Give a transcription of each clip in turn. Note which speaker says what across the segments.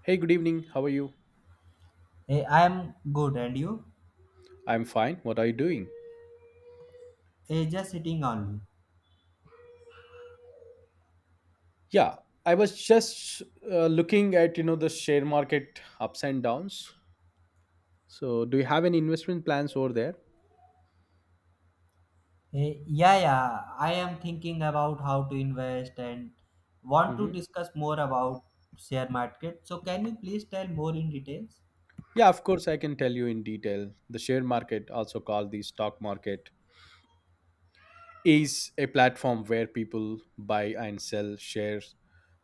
Speaker 1: Hey, good evening. How are you?
Speaker 2: I am good, and you?
Speaker 1: I'm fine. What are you doing?
Speaker 2: Just sitting only.
Speaker 1: Yeah, I was just looking at the share market ups and downs. So, do you have any investment plans over there?
Speaker 2: Yeah, yeah, I am thinking about how to invest and want to
Speaker 1: Hmm.
Speaker 2: discuss more about share market. So, can you please tell more in details?
Speaker 1: Yeah, of course, I can tell you in detail. The share market, also called the stock market, is a platform where people buy and sell shares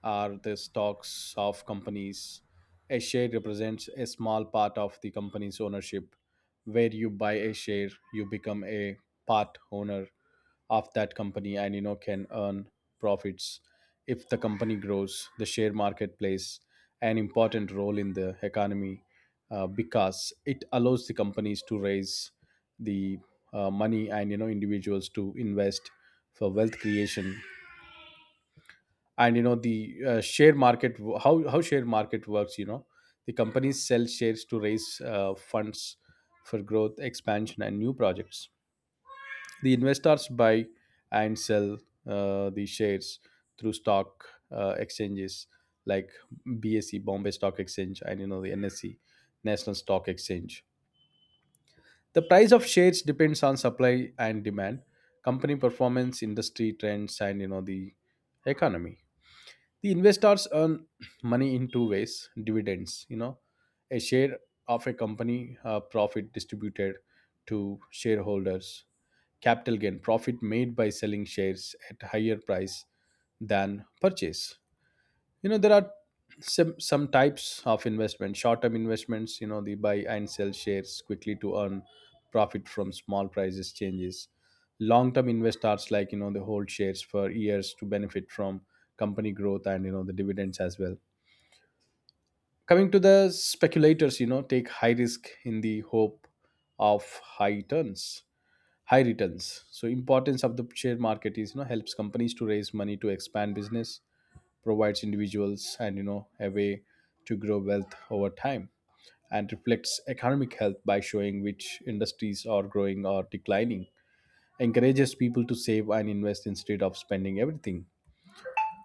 Speaker 1: or the stocks of companies. A share represents a small part of the company's ownership. Where you buy a share, you become a part owner of that company and can earn profits if the company grows. The share market plays an important role in the economy because it allows the companies to raise the money, and individuals to invest for wealth creation. And you know the share market, how share market works. The companies sell shares to raise funds for growth expansion and new projects. The investors buy and sell the shares through stock exchanges like BSE, Bombay Stock Exchange, and you know the NSC, National Stock Exchange. The price of shares depends on supply and demand, company performance, industry trends, and the economy. The investors earn money in two ways: dividends, a share of a company profit distributed to shareholders; capital gain, profit made by selling shares at higher price than purchase. There are some types of investment. Short term investments, the buy and sell shares quickly to earn profit from small prices changes. Long term investors, like they hold shares for years to benefit from company growth and the dividends as well. Coming to the speculators, take high risk in the hope of high returns high returns. So, importance of the share market is, helps companies to raise money to expand business, provides individuals and a way to grow wealth over time, and reflects economic health by showing which industries are growing or declining. Encourages people to save and invest instead of spending everything.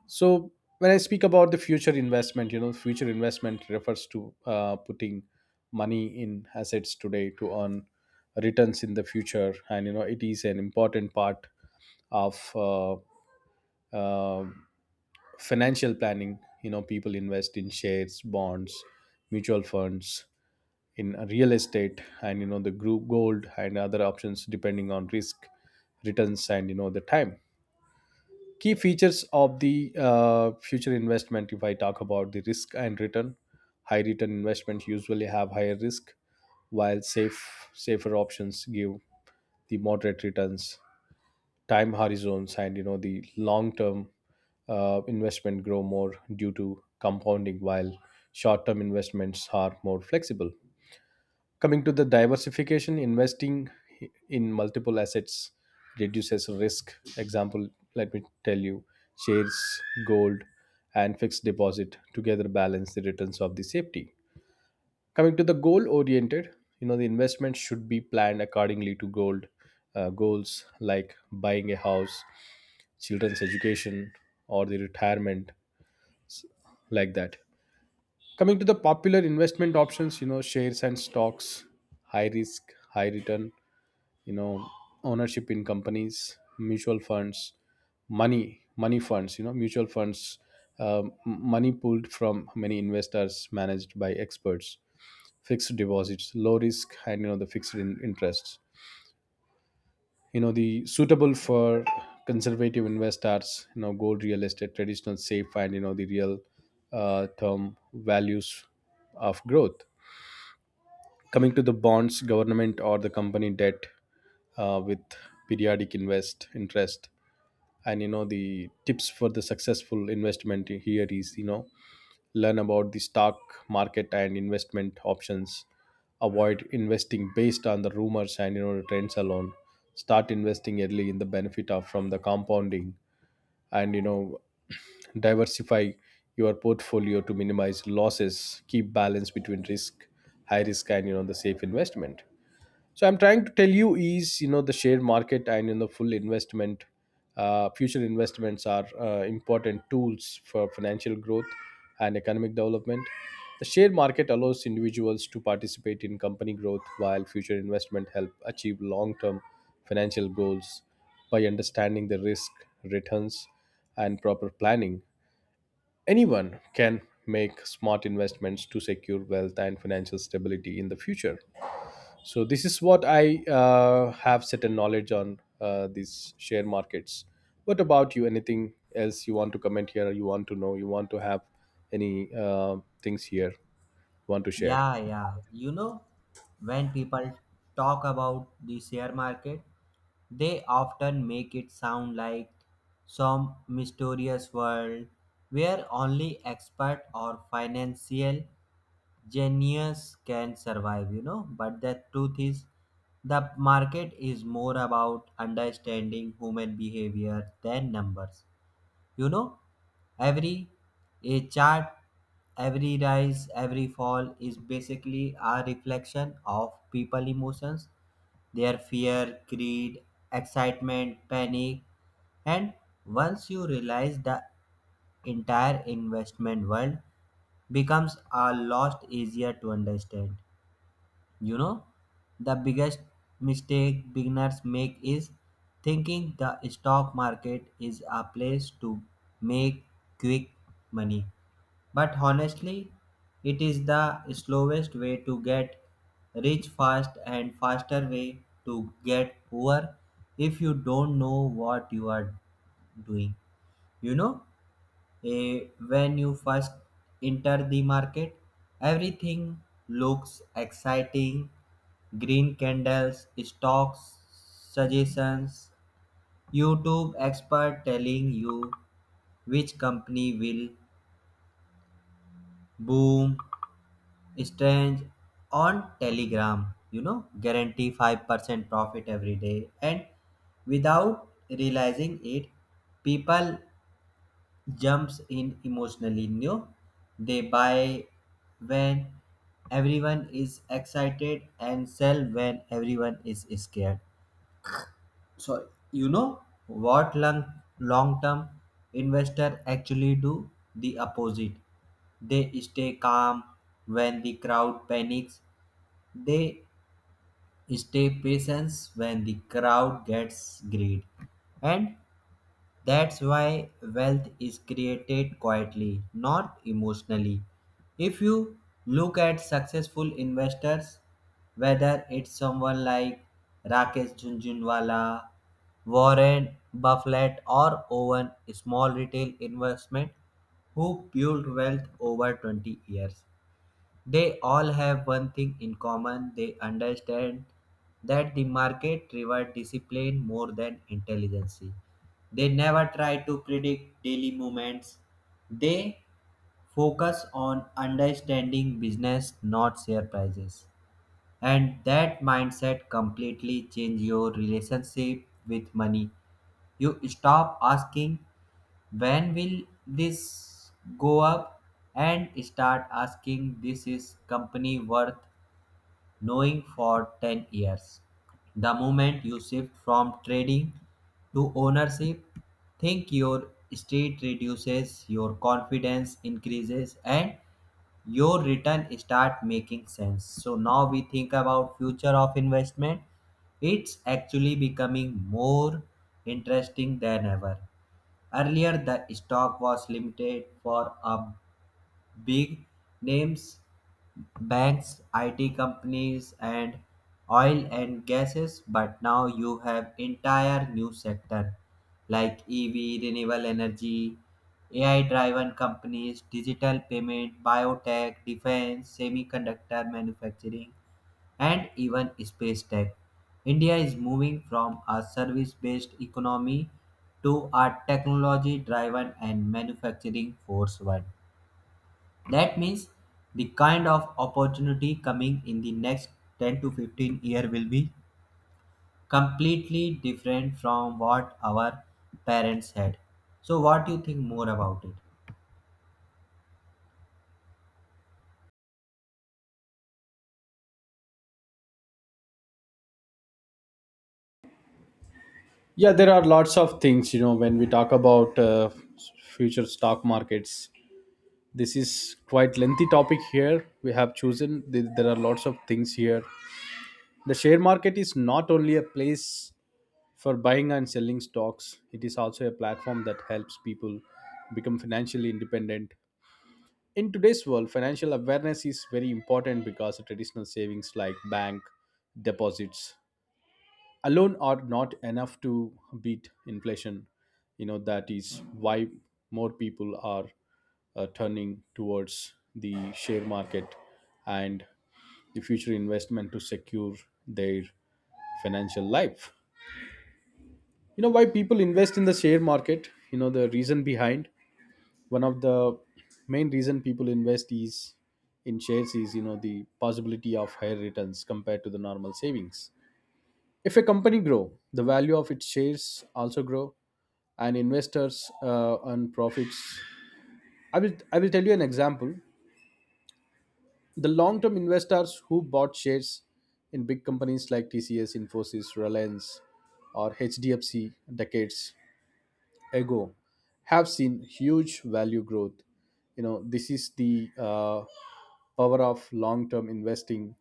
Speaker 1: So when I speak about the future investment, future investment refers to putting money in assets today to earn returns in the future. And it is an important part of uh, um financial planning. People invest in shares, bonds, mutual funds, in real estate and the group gold and other options depending on risk, returns and the time. Key features of the future investment: if I talk about the risk and return, high return investments usually have higher risk, while safer options give the moderate returns. Time horizons, and the long term investment grow more due to compounding, while short term investments are more flexible. Coming to the diversification, investing in multiple assets reduces risk. Example, let me tell you, shares, gold and fixed deposit together balance the returns of the safety. Coming to the goal oriented, the investment should be planned accordingly to gold goals like buying a house, children's education, or the retirement, like that. Coming to the popular investment options, shares and stocks, high risk high return, you know ownership in companies. Mutual funds, money funds, mutual funds, money pulled from many investors managed by experts. Fixed deposits, low risk and the fixed interest, the suitable for conservative investors. Gold, real estate, traditional safe and the real term values of growth. Coming to the bonds, government or the company debt with periodic invest interest And the tips for the successful investment here is, learn about the stock market and investment options, avoid investing based on the rumors and the trends alone, start investing early in the benefit of from the compounding, and diversify your portfolio to minimize losses, keep balance between risk, high risk and the safe investment. So, I'm trying to tell you is, the share market and future investments are important tools for financial growth and economic development. The share market allows individuals to participate in company growth, while future investment help achieve long-term financial goals by understanding the risk, returns, and proper planning. Anyone can make smart investments to secure wealth and financial stability in the future. So this is what I have certain knowledge on these share markets. What about you? Anything else you want to comment here? You want to know? You want to have any things here? You want to share?
Speaker 2: Yeah, yeah. You know, when people talk about the share market, they often make it sound like some mysterious world where only expert or financial genius can survive, you know, but the truth is the market is more about understanding human behavior than numbers. You know, every a chart, every rise, every fall is basically a reflection of people emotions, their fear, greed, excitement, panic. And once you realize, the entire investment world becomes a lot easier to understand. You know, the biggest mistake beginners make is thinking the stock market is a place to make quick money. But honestly, it is the slowest way to get rich fast and faster way to get poor if you don't know what you are doing. You know, when you first enter the market, everything looks exciting. Green candles, stocks, suggestions, YouTube expert telling you which company will boom, strange on Telegram, you know, guarantee 5% profit every day. And without realizing it, people jumps in emotionally. You, they buy when everyone is excited and sell when everyone is scared. So, you know what long term investor actually do the opposite. They stay calm when the crowd panics, they stay patient when the crowd gets greed. And that's why wealth is created quietly, not emotionally. If you look at successful investors, whether it's someone like Rakesh Junjunwala, Warren Buffett, or Owen, small retail investment who built wealth over 20 years, they all have one thing in common: they understand that the market rewards discipline more than intelligence. They never try to predict daily movements. They focus on understanding business, not share prices. And that mindset completely changes your relationship with money. You stop asking when will this go up? And start asking this is company worth knowing for 10 years. The moment you shift from trading to ownership, think your street reduces, your confidence increases, and your return start making sense. So now we think about future of investment. It's actually becoming more interesting than ever. Earlier, the stock was limited for a big names, banks, IT companies, and oil and gases. But now you have entire new sector like EV, renewable energy, AI-driven companies, digital payment, biotech, defense, semiconductor manufacturing, and even space tech. India is moving from a service based economy to a technology driven and manufacturing force one. That means the kind of opportunity coming in the next 10 to 15 year will be completely different from what our parents had. So what do you think more about it?
Speaker 1: Yeah, there are lots of things. You know, when we talk about future stock markets, this is quite lengthy topic here. We have chosen. There are lots of things here. The share market is not only a place for buying and selling stocks. It is also a platform that helps people become financially independent. In today's world, financial awareness is very important because the traditional savings like bank deposits alone are not enough to beat inflation. You know, that is why more people are turning towards the share market and the future investment to secure their financial life. Why people invest in the share market? The reason behind, one of the main reason people invest is in shares is, the possibility of higher returns compared to the normal savings. If a company grow, the value of its shares also grow, and investors earn profits. I will tell you an example. The long term investors who bought shares in big companies like TCS, Infosys, Reliance or HDFC decades ago have seen huge value growth. You know, this is the power of long-term investing,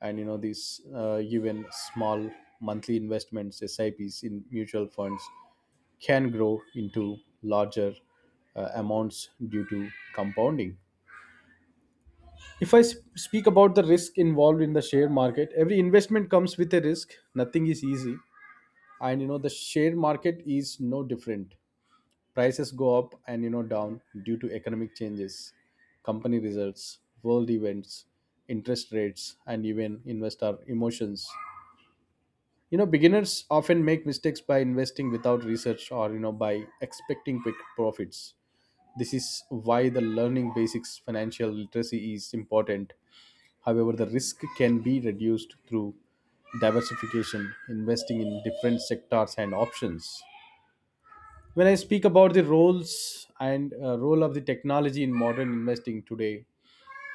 Speaker 1: and these even small monthly investments, SIPs in mutual funds, can grow into larger amounts due to compounding. If I speak about the risk involved in the share market, every investment comes with a risk. Nothing is easy, and the share market is no different. Prices go up and down due to economic changes, company results, world events, interest rates, and even investor emotions. You know, beginners often make mistakes by investing without research or by expecting quick profits. This is why the learning basics financial literacy is important. However, the risk can be reduced through diversification, investing in different sectors and options. When I speak about the role of the technology in modern investing today,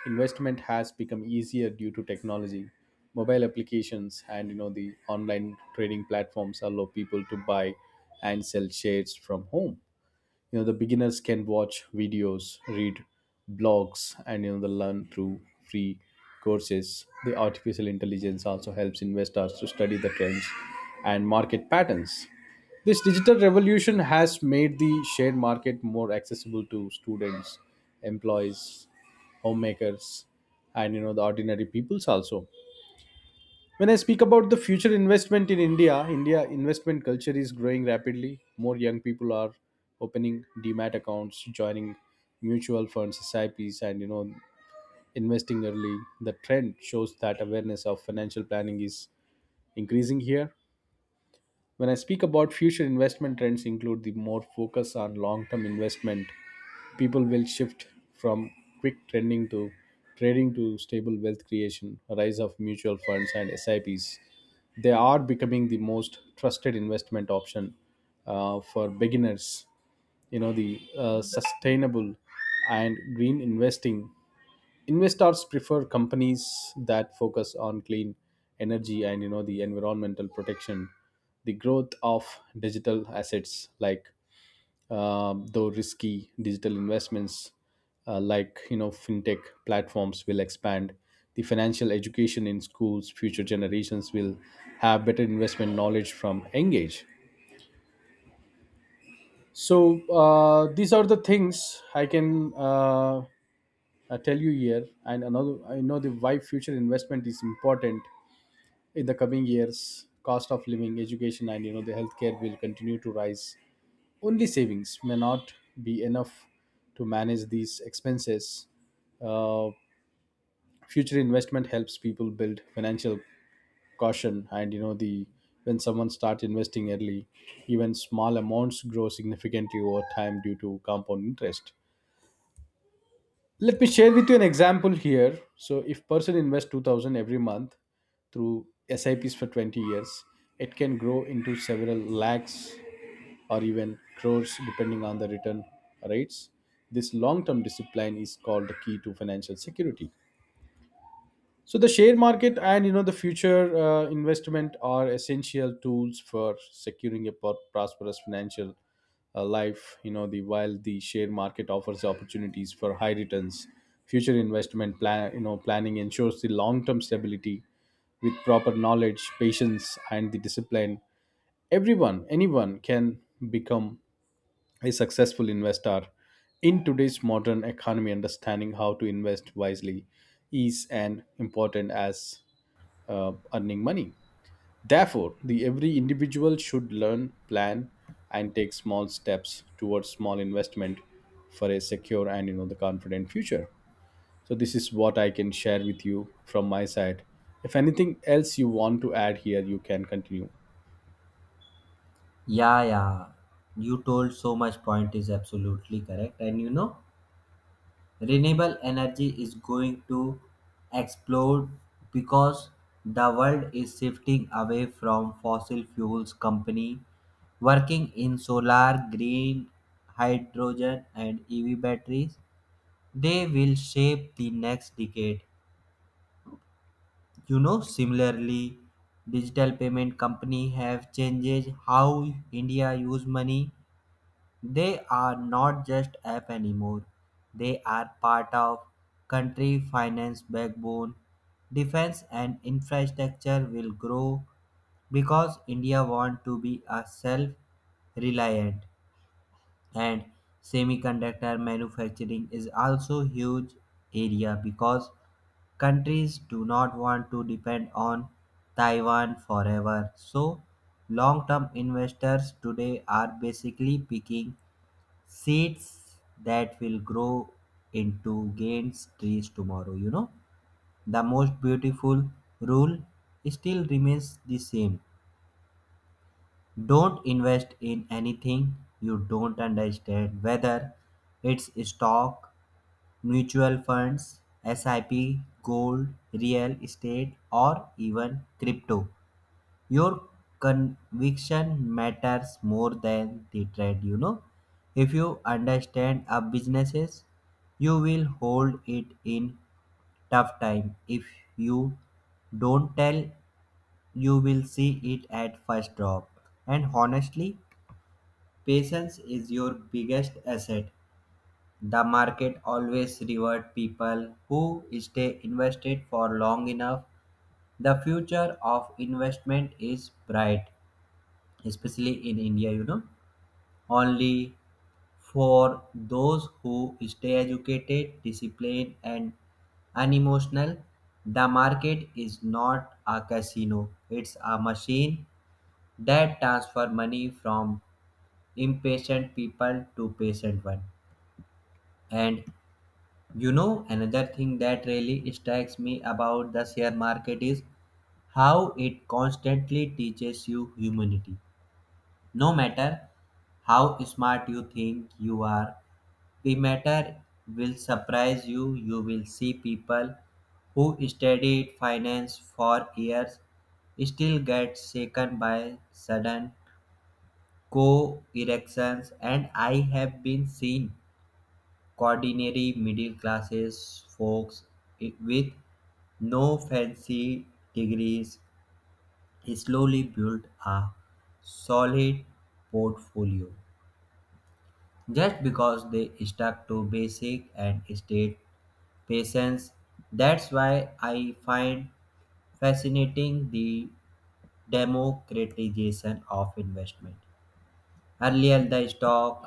Speaker 1: investment has become easier due to technology. Mobile applications and the online trading platforms allow people to buy and sell shares from home. The beginners can watch videos, read blogs and the learn through free courses. The artificial intelligence also helps investors to study the trends and market patterns. This digital revolution has made the share market more accessible to students, employees, homemakers, and the ordinary peoples also. When I speak about the future investment in India, India investment culture is growing rapidly. More young people are opening demat accounts, joining mutual funds, SIPs, and investing early. The trend shows that awareness of financial planning is increasing here. When I speak about future investment trends, include the more focus on long-term investment. People will shift from quick trending to trading to stable wealth creation, a rise of mutual funds and SIPs. They are becoming the most trusted investment option for beginners. You know the sustainable and green investing, investors prefer companies that focus on clean energy and the environmental protection. The growth of digital assets like though risky digital investments, like fintech platforms will expand. The financial education in schools, future generations will have better investment knowledge from engage. So these are the things I tell you here, and another, I know the why future investment is important in the coming years. Cost of living, education, and the healthcare will continue to rise. Only savings may not be enough to manage these expenses. Uh, Future investment helps people build financial caution, and you know the when someone starts investing early, even small amounts grow significantly over time due to compound interest. Let me share with you an example here. So if person invests 2000 every month through SIPs for 20 years, it can grow into several lakhs or even crores depending on the return rates. This long term discipline is called the key to financial security. So the share market and you know the future investment are essential tools for securing a prosperous financial life. The while the share market offers opportunities for high returns, future investment planning ensures the long term stability with proper knowledge, patience, and the discipline. Anyone can become a successful investor in today's modern economy. Understanding how to invest wisely is an important as earning money. Therefore, the every individual should learn, plan, and take small steps towards small investment for a secure and you know the confident future. So this is what I can share with you from my side. If anything else you want to add here, you can continue.
Speaker 2: Yeah, yeah. You told so much point is absolutely correct. And you know, renewable energy is going to explode because the world is shifting away from fossil fuels. Company working in solar, green hydrogen and EV batteries, they will shape the next decade. You know, similarly, digital payment company have changed how India use money. They are not just app anymore. They are part of country finance backbone. Defense and infrastructure will grow because India want to be a self-reliant, and semiconductor manufacturing is also huge area because countries do not want to depend on Taiwan forever. So long-term investors today are basically picking seeds that will grow into giant trees tomorrow. You know, the most beautiful rule still remains the same: don't invest in anything you don't understand, whether it's stock, mutual funds, SIP, gold, real estate or even crypto. Your conviction matters more than the trade. You know, if you understand a businesses, you will hold it in tough time. If you don't tell, you will see it at first drop. And honestly, patience is your biggest asset. The market always reward people who stay invested for long enough. The future of investment is bright, especially in India, you know, only for those who stay educated, disciplined, and unemotional. The market is not a casino, it's a machine that transfer money from impatient people to patient one. And you know, another thing that really strikes me about the share market is how it constantly teaches you humanity. No matter how smart you think you are, the matter will surprise you. You will see people who studied finance for years still get shaken by sudden co erections, and I have been seen ordinary middle classes folks with no fancy degrees slowly build a solid portfolio, just because they stuck to basic and stayed patients. That's why I find fascinating the democratization of investment. Earlier, the stock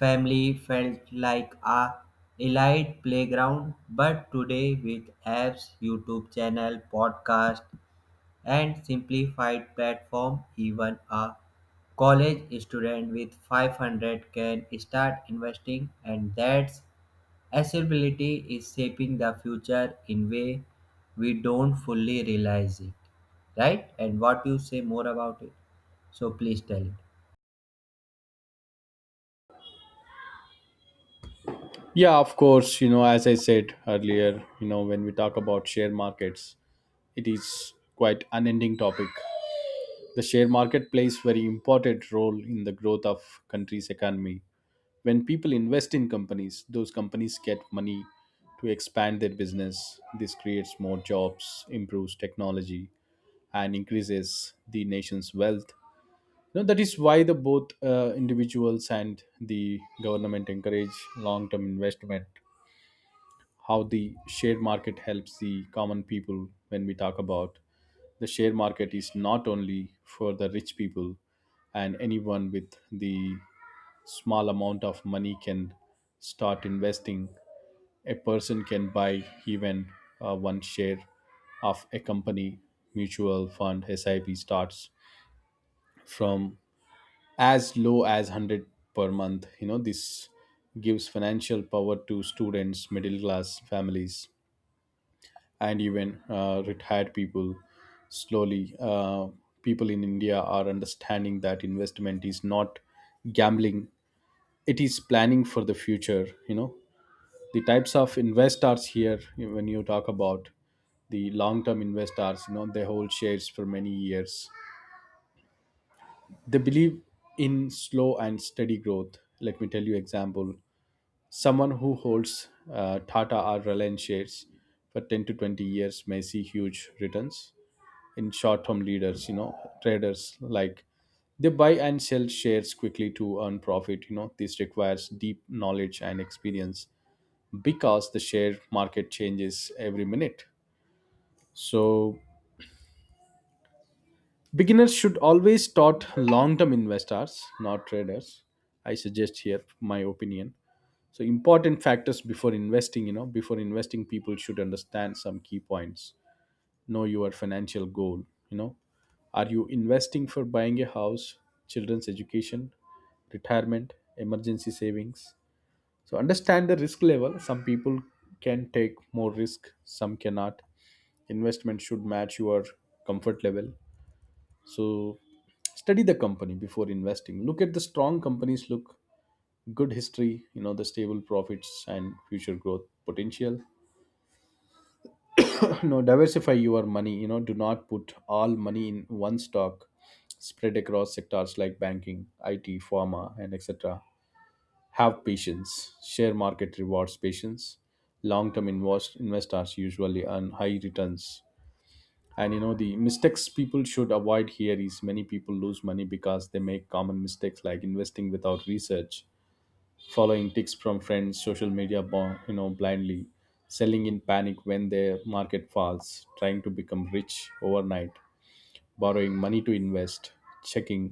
Speaker 2: family felt like a elite playground, but today with apps, YouTube channel, podcast, and simplified platform. Even a college student with 500 can start investing, and that's accessibility is shaping the future in way we don't fully realize it. Right? And what you say more about it? So please tell it.
Speaker 1: Yeah, of course. You know, as I said earlier, you know, when we talk about share markets, it is quite unending topic. The share market plays very important role in the growth of country's economy. When people invest in companies, those companies get money to expand their business. This creates more jobs, improves technology, and increases the nation's wealth. You know, that is why the both individuals and the government encourage long-term investment. How the share market helps the common people: when we talk about the share market, is not only for the rich people, and anyone with the small amount of money can start investing. A person can buy even one share of a company. Mutual fund SIP starts from as low as 100 per month. You know, this gives financial power to students, middle class families, and even retired people. Slowly, people in India are understanding that investment is not gambling, it is planning for the future. You know, the types of investors here: when you talk about the long term investors, you know, they hold shares for many years. They believe in slow and steady growth. Let me tell you example: someone who holds Tata or Reliance shares for 10 to 20 years may see huge returns. In short-term leaders, you know, traders, like, they buy and sell shares quickly to earn profit. You know, this requires deep knowledge and experience because the share market changes every minute. So beginners should always start long-term investors, not traders. I suggest here my opinion. So important factors before investing, you know, before investing, people should understand some key points. Know your financial goal. You know, are you investing for buying a house, children's education, retirement, emergency savings? So understand the risk level. Some people can take more risk, some cannot. Investment should match your comfort level. So study the company before investing. Look at the strong companies, look good history, you know, the stable profits and future growth potential. No, diversify your money. You know, do not put all money in one stock. Spread across sectors like banking, IT, pharma, and etc. Have patience. Share market rewards patience. Long term investors usually earn high returns. And you know, the mistakes people should avoid here is many people lose money because they make common mistakes like investing without research, following tips from friends, social media, blindly, selling in panic when the market falls, trying to become rich overnight, borrowing money to invest, checking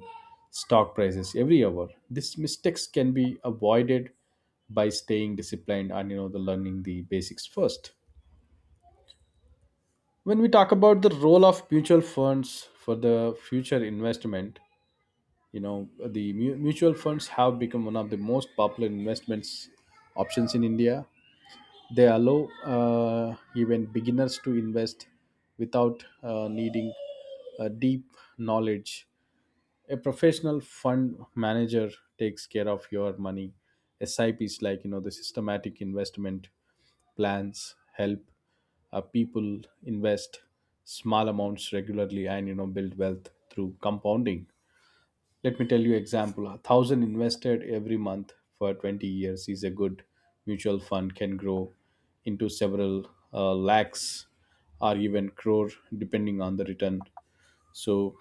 Speaker 1: stock prices every hour. These mistakes can be avoided by staying disciplined and you know the learning the basics first. When we talk about the role of mutual funds for the future investment, you know, the mutual funds have become one of the most popular investments options in India. They allow even beginners to invest without needing deep knowledge. A professional fund manager takes care of your money. SIPs, like, you know, the systematic investment plans, help people invest small amounts regularly, and you know, build wealth through compounding. Let me tell you example: a thousand invested every month for 20 years is a good mutual fund can grow into several lakhs or even crore, depending on the return. So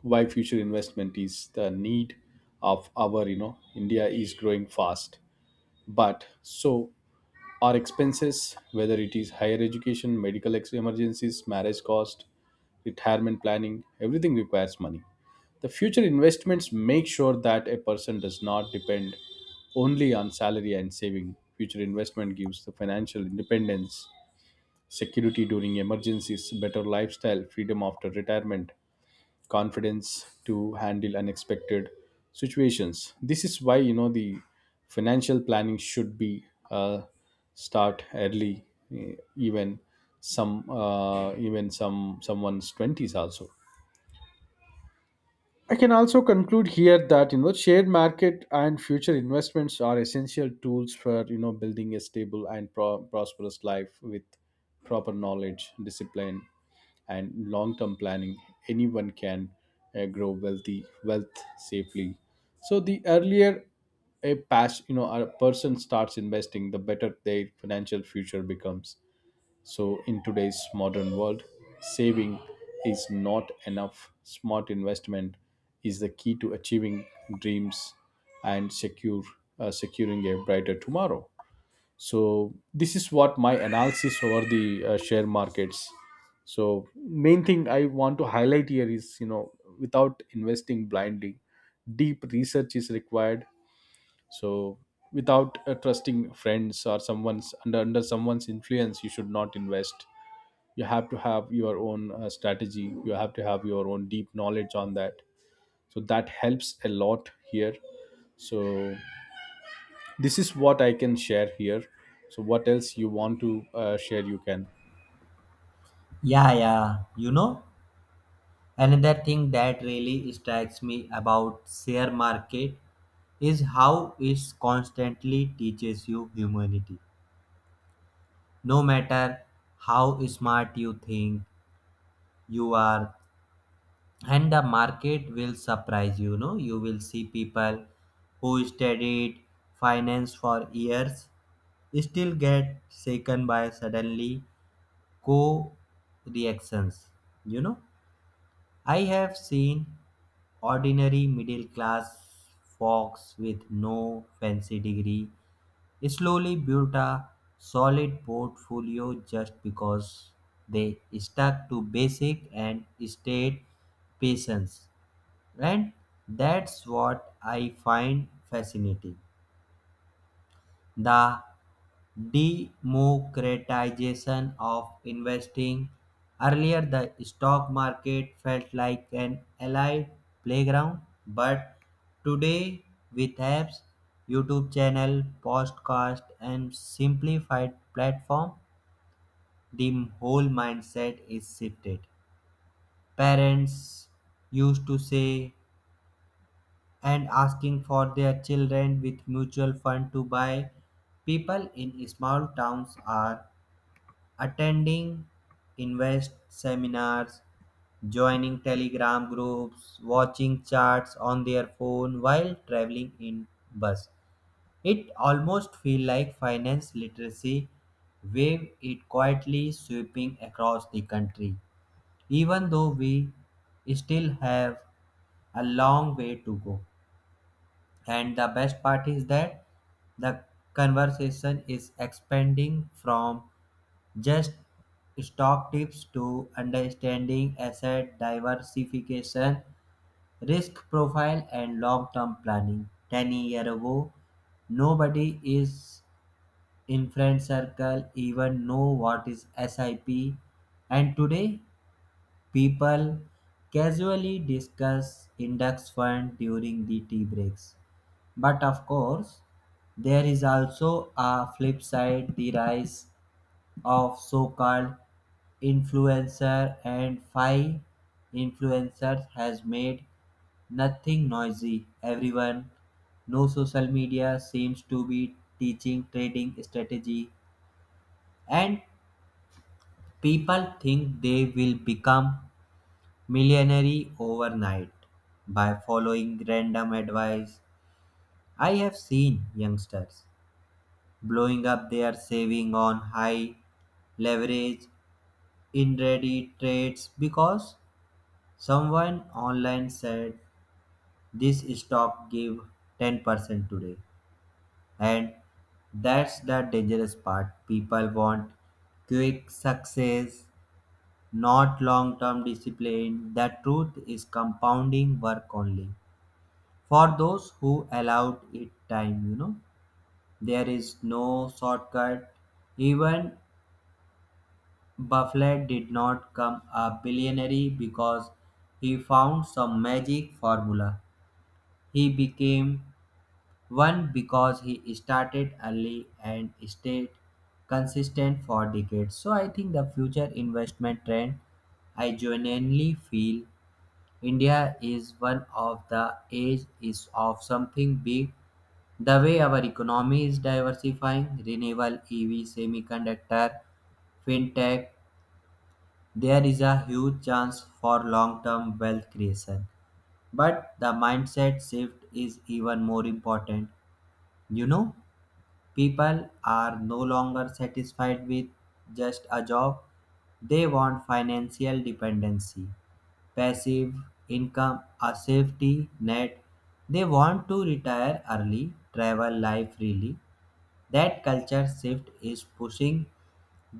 Speaker 1: why future investment is the need of our, you know, India is growing fast. But so our expenses, whether it is higher education, medical emergencies, marriage cost, retirement planning, everything requires money. The future investments make sure that a person does not depend only on salary and saving. Future investment gives the financial independence, security during emergencies, better lifestyle, freedom after retirement, confidence to handle unexpected situations. This is why, you know, the financial planning should be uh, start early, eh, even even someone's twenties also. I can also conclude here that, you know, shared market and future investments are essential tools for, you know, building a stable and prosperous life with proper knowledge, discipline, and long-term planning. Anyone can grow wealth safely. So the earlier a pass you know a person starts investing, the better their financial future becomes. So, in today's modern world, saving is not enough. Smart investment is the key to achieving dreams and secure securing a brighter tomorrow. So, this is what my analysis over the share markets. So, main thing I want to highlight here is, you know, without investing blindly, deep research is required. So, without trusting friends or someone's under someone's influence, you should not invest. You have to have your own strategy. You have to have your own deep knowledge on that, so that helps a lot here. So this is what I can share here. So what else you want to share, you can.
Speaker 2: Yeah, yeah. You know, another thing that really strikes me about share market is how it constantly teaches you humanity. No matter how smart you think you are, and the market will surprise, you know, you will see people who studied finance for years still get shaken by suddenly co reactions. You know, I have seen ordinary middle class folks with no fancy degree slowly built a solid portfolio just because they stuck to basic and stayed patient. And that's what I find fascinating, the democratization of investing. Earlier, the stock market felt like an allied playground, but today, with apps, YouTube channel, podcast, and simplified platform, the whole mindset is shifted. Parents used to say and asking for their children with mutual fund to buy. People in small towns are attending invest seminars, joining telegram groups, watching charts on their phone while traveling in bus. It almost feel like finance literacy wave it quietly sweeping across the country. Even though we still have a long way to go. And the best part is that the conversation is expanding from just stock tips to understanding asset diversification, risk profile, and long term planning. 10 years ago, nobody is in friend circle even know what is SIP, and today people casually discuss index fund during the tea breaks. But of course, there is also a flip side: the rise of so-called influencer and fi influencers has made nothing noisy everyone. No, social media seems to be teaching trading strategy, and people think they will become millionaire overnight by following random advice. I have seen youngsters blowing up their saving on high leverage in ready trades because someone online said this stock gave 10% today, and that's the dangerous part. People want quick success, not long term discipline. The truth is compounding work only. For those who allowed it time, you know, there is no shortcut. Even Buffett did not come a billionaire because he found some magic formula. He became One, because he started early and stayed consistent for decades. So I think the future investment trend, I genuinely feel India is one of the age is of something big. The way our economy is diversifying, renewable EV, semiconductor, fintech, there is a huge chance for long term wealth creation. But the mindset shift is even more important. You know, people are no longer satisfied with just a job, they want financial dependency, passive income, a safety net. They want to retire early, travel life freely, that culture shift is pushing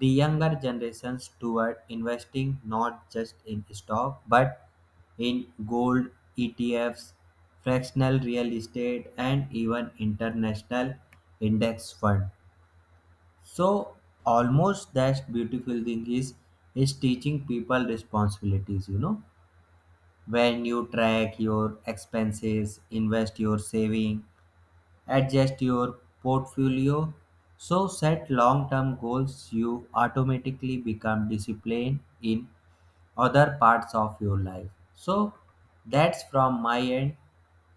Speaker 2: the younger generations toward investing not just in stock but in gold, ETFs, fractional real estate, and even international index fund. So, almost that's beautiful thing is teaching people responsibilities. You know, when you track your expenses, invest your saving, adjust your portfolio, so set long-term goals, you automatically become disciplined in other parts of your life. So that's from my end,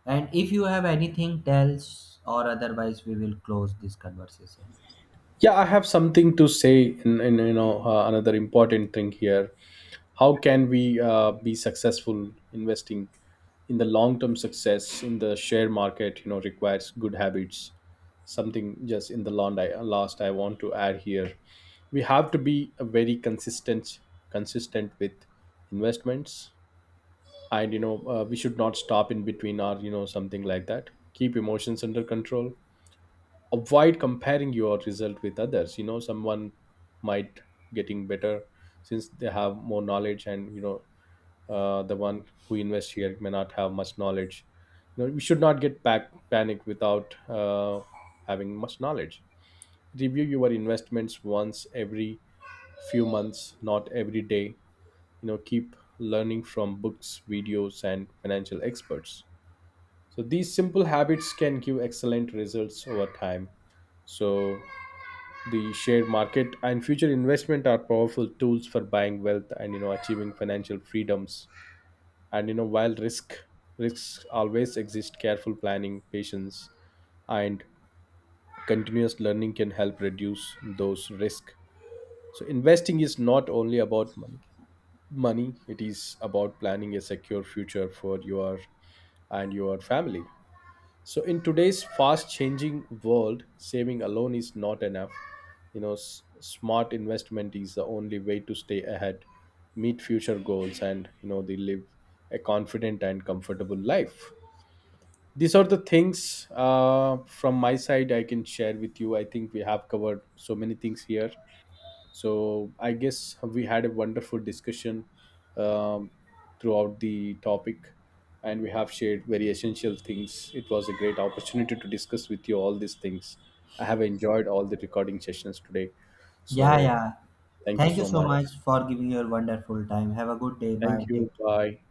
Speaker 2: and if you have anything else or otherwise we will close this conversation.
Speaker 1: Yeah, I have something to say. In you know, another important thing here, how can we be successful investing in the long term? Success in the share market, you know, requires good habits. Something just in the last, last I want to add here. We have to be very consistent with investments, and you know, we should not stop in between or you know something like that. Keep emotions under control. Avoid comparing your result with others. You know, someone might getting better since they have more knowledge, and you know, the one who invests here may not have much knowledge. You know, we should not get back panic without having much knowledge. Review your investments once every few months, not every day. You know, keep learning from books, videos, and financial experts. So these simple habits can give excellent results over time. So the share market and future investment are powerful tools for buying wealth and, you know, achieving financial freedoms. And you know, while risks always exist, careful planning, patience, and continuous learning can help reduce those risks. So investing is not only about money. Money, it is about planning a secure future for your and your family. So in today's fast changing world, saving alone is not enough. You know, smart investment is the only way to stay ahead, meet future goals, and, you know, they live a confident and comfortable life. These are the things from my side I can share with you. I think we have covered so many things here, so I guess we had a wonderful discussion um, throughout the topic, and we have shared very essential things. It was a great opportunity to discuss with you all these things. I have enjoyed all the recording sessions today.
Speaker 2: Yeah,
Speaker 1: So
Speaker 2: yeah,
Speaker 1: thank you
Speaker 2: thank you
Speaker 1: so
Speaker 2: so
Speaker 1: much.
Speaker 2: much for giving your wonderful time. Have a good day. Bye,
Speaker 1: Thank
Speaker 2: take
Speaker 1: you.
Speaker 2: care.
Speaker 1: Bye.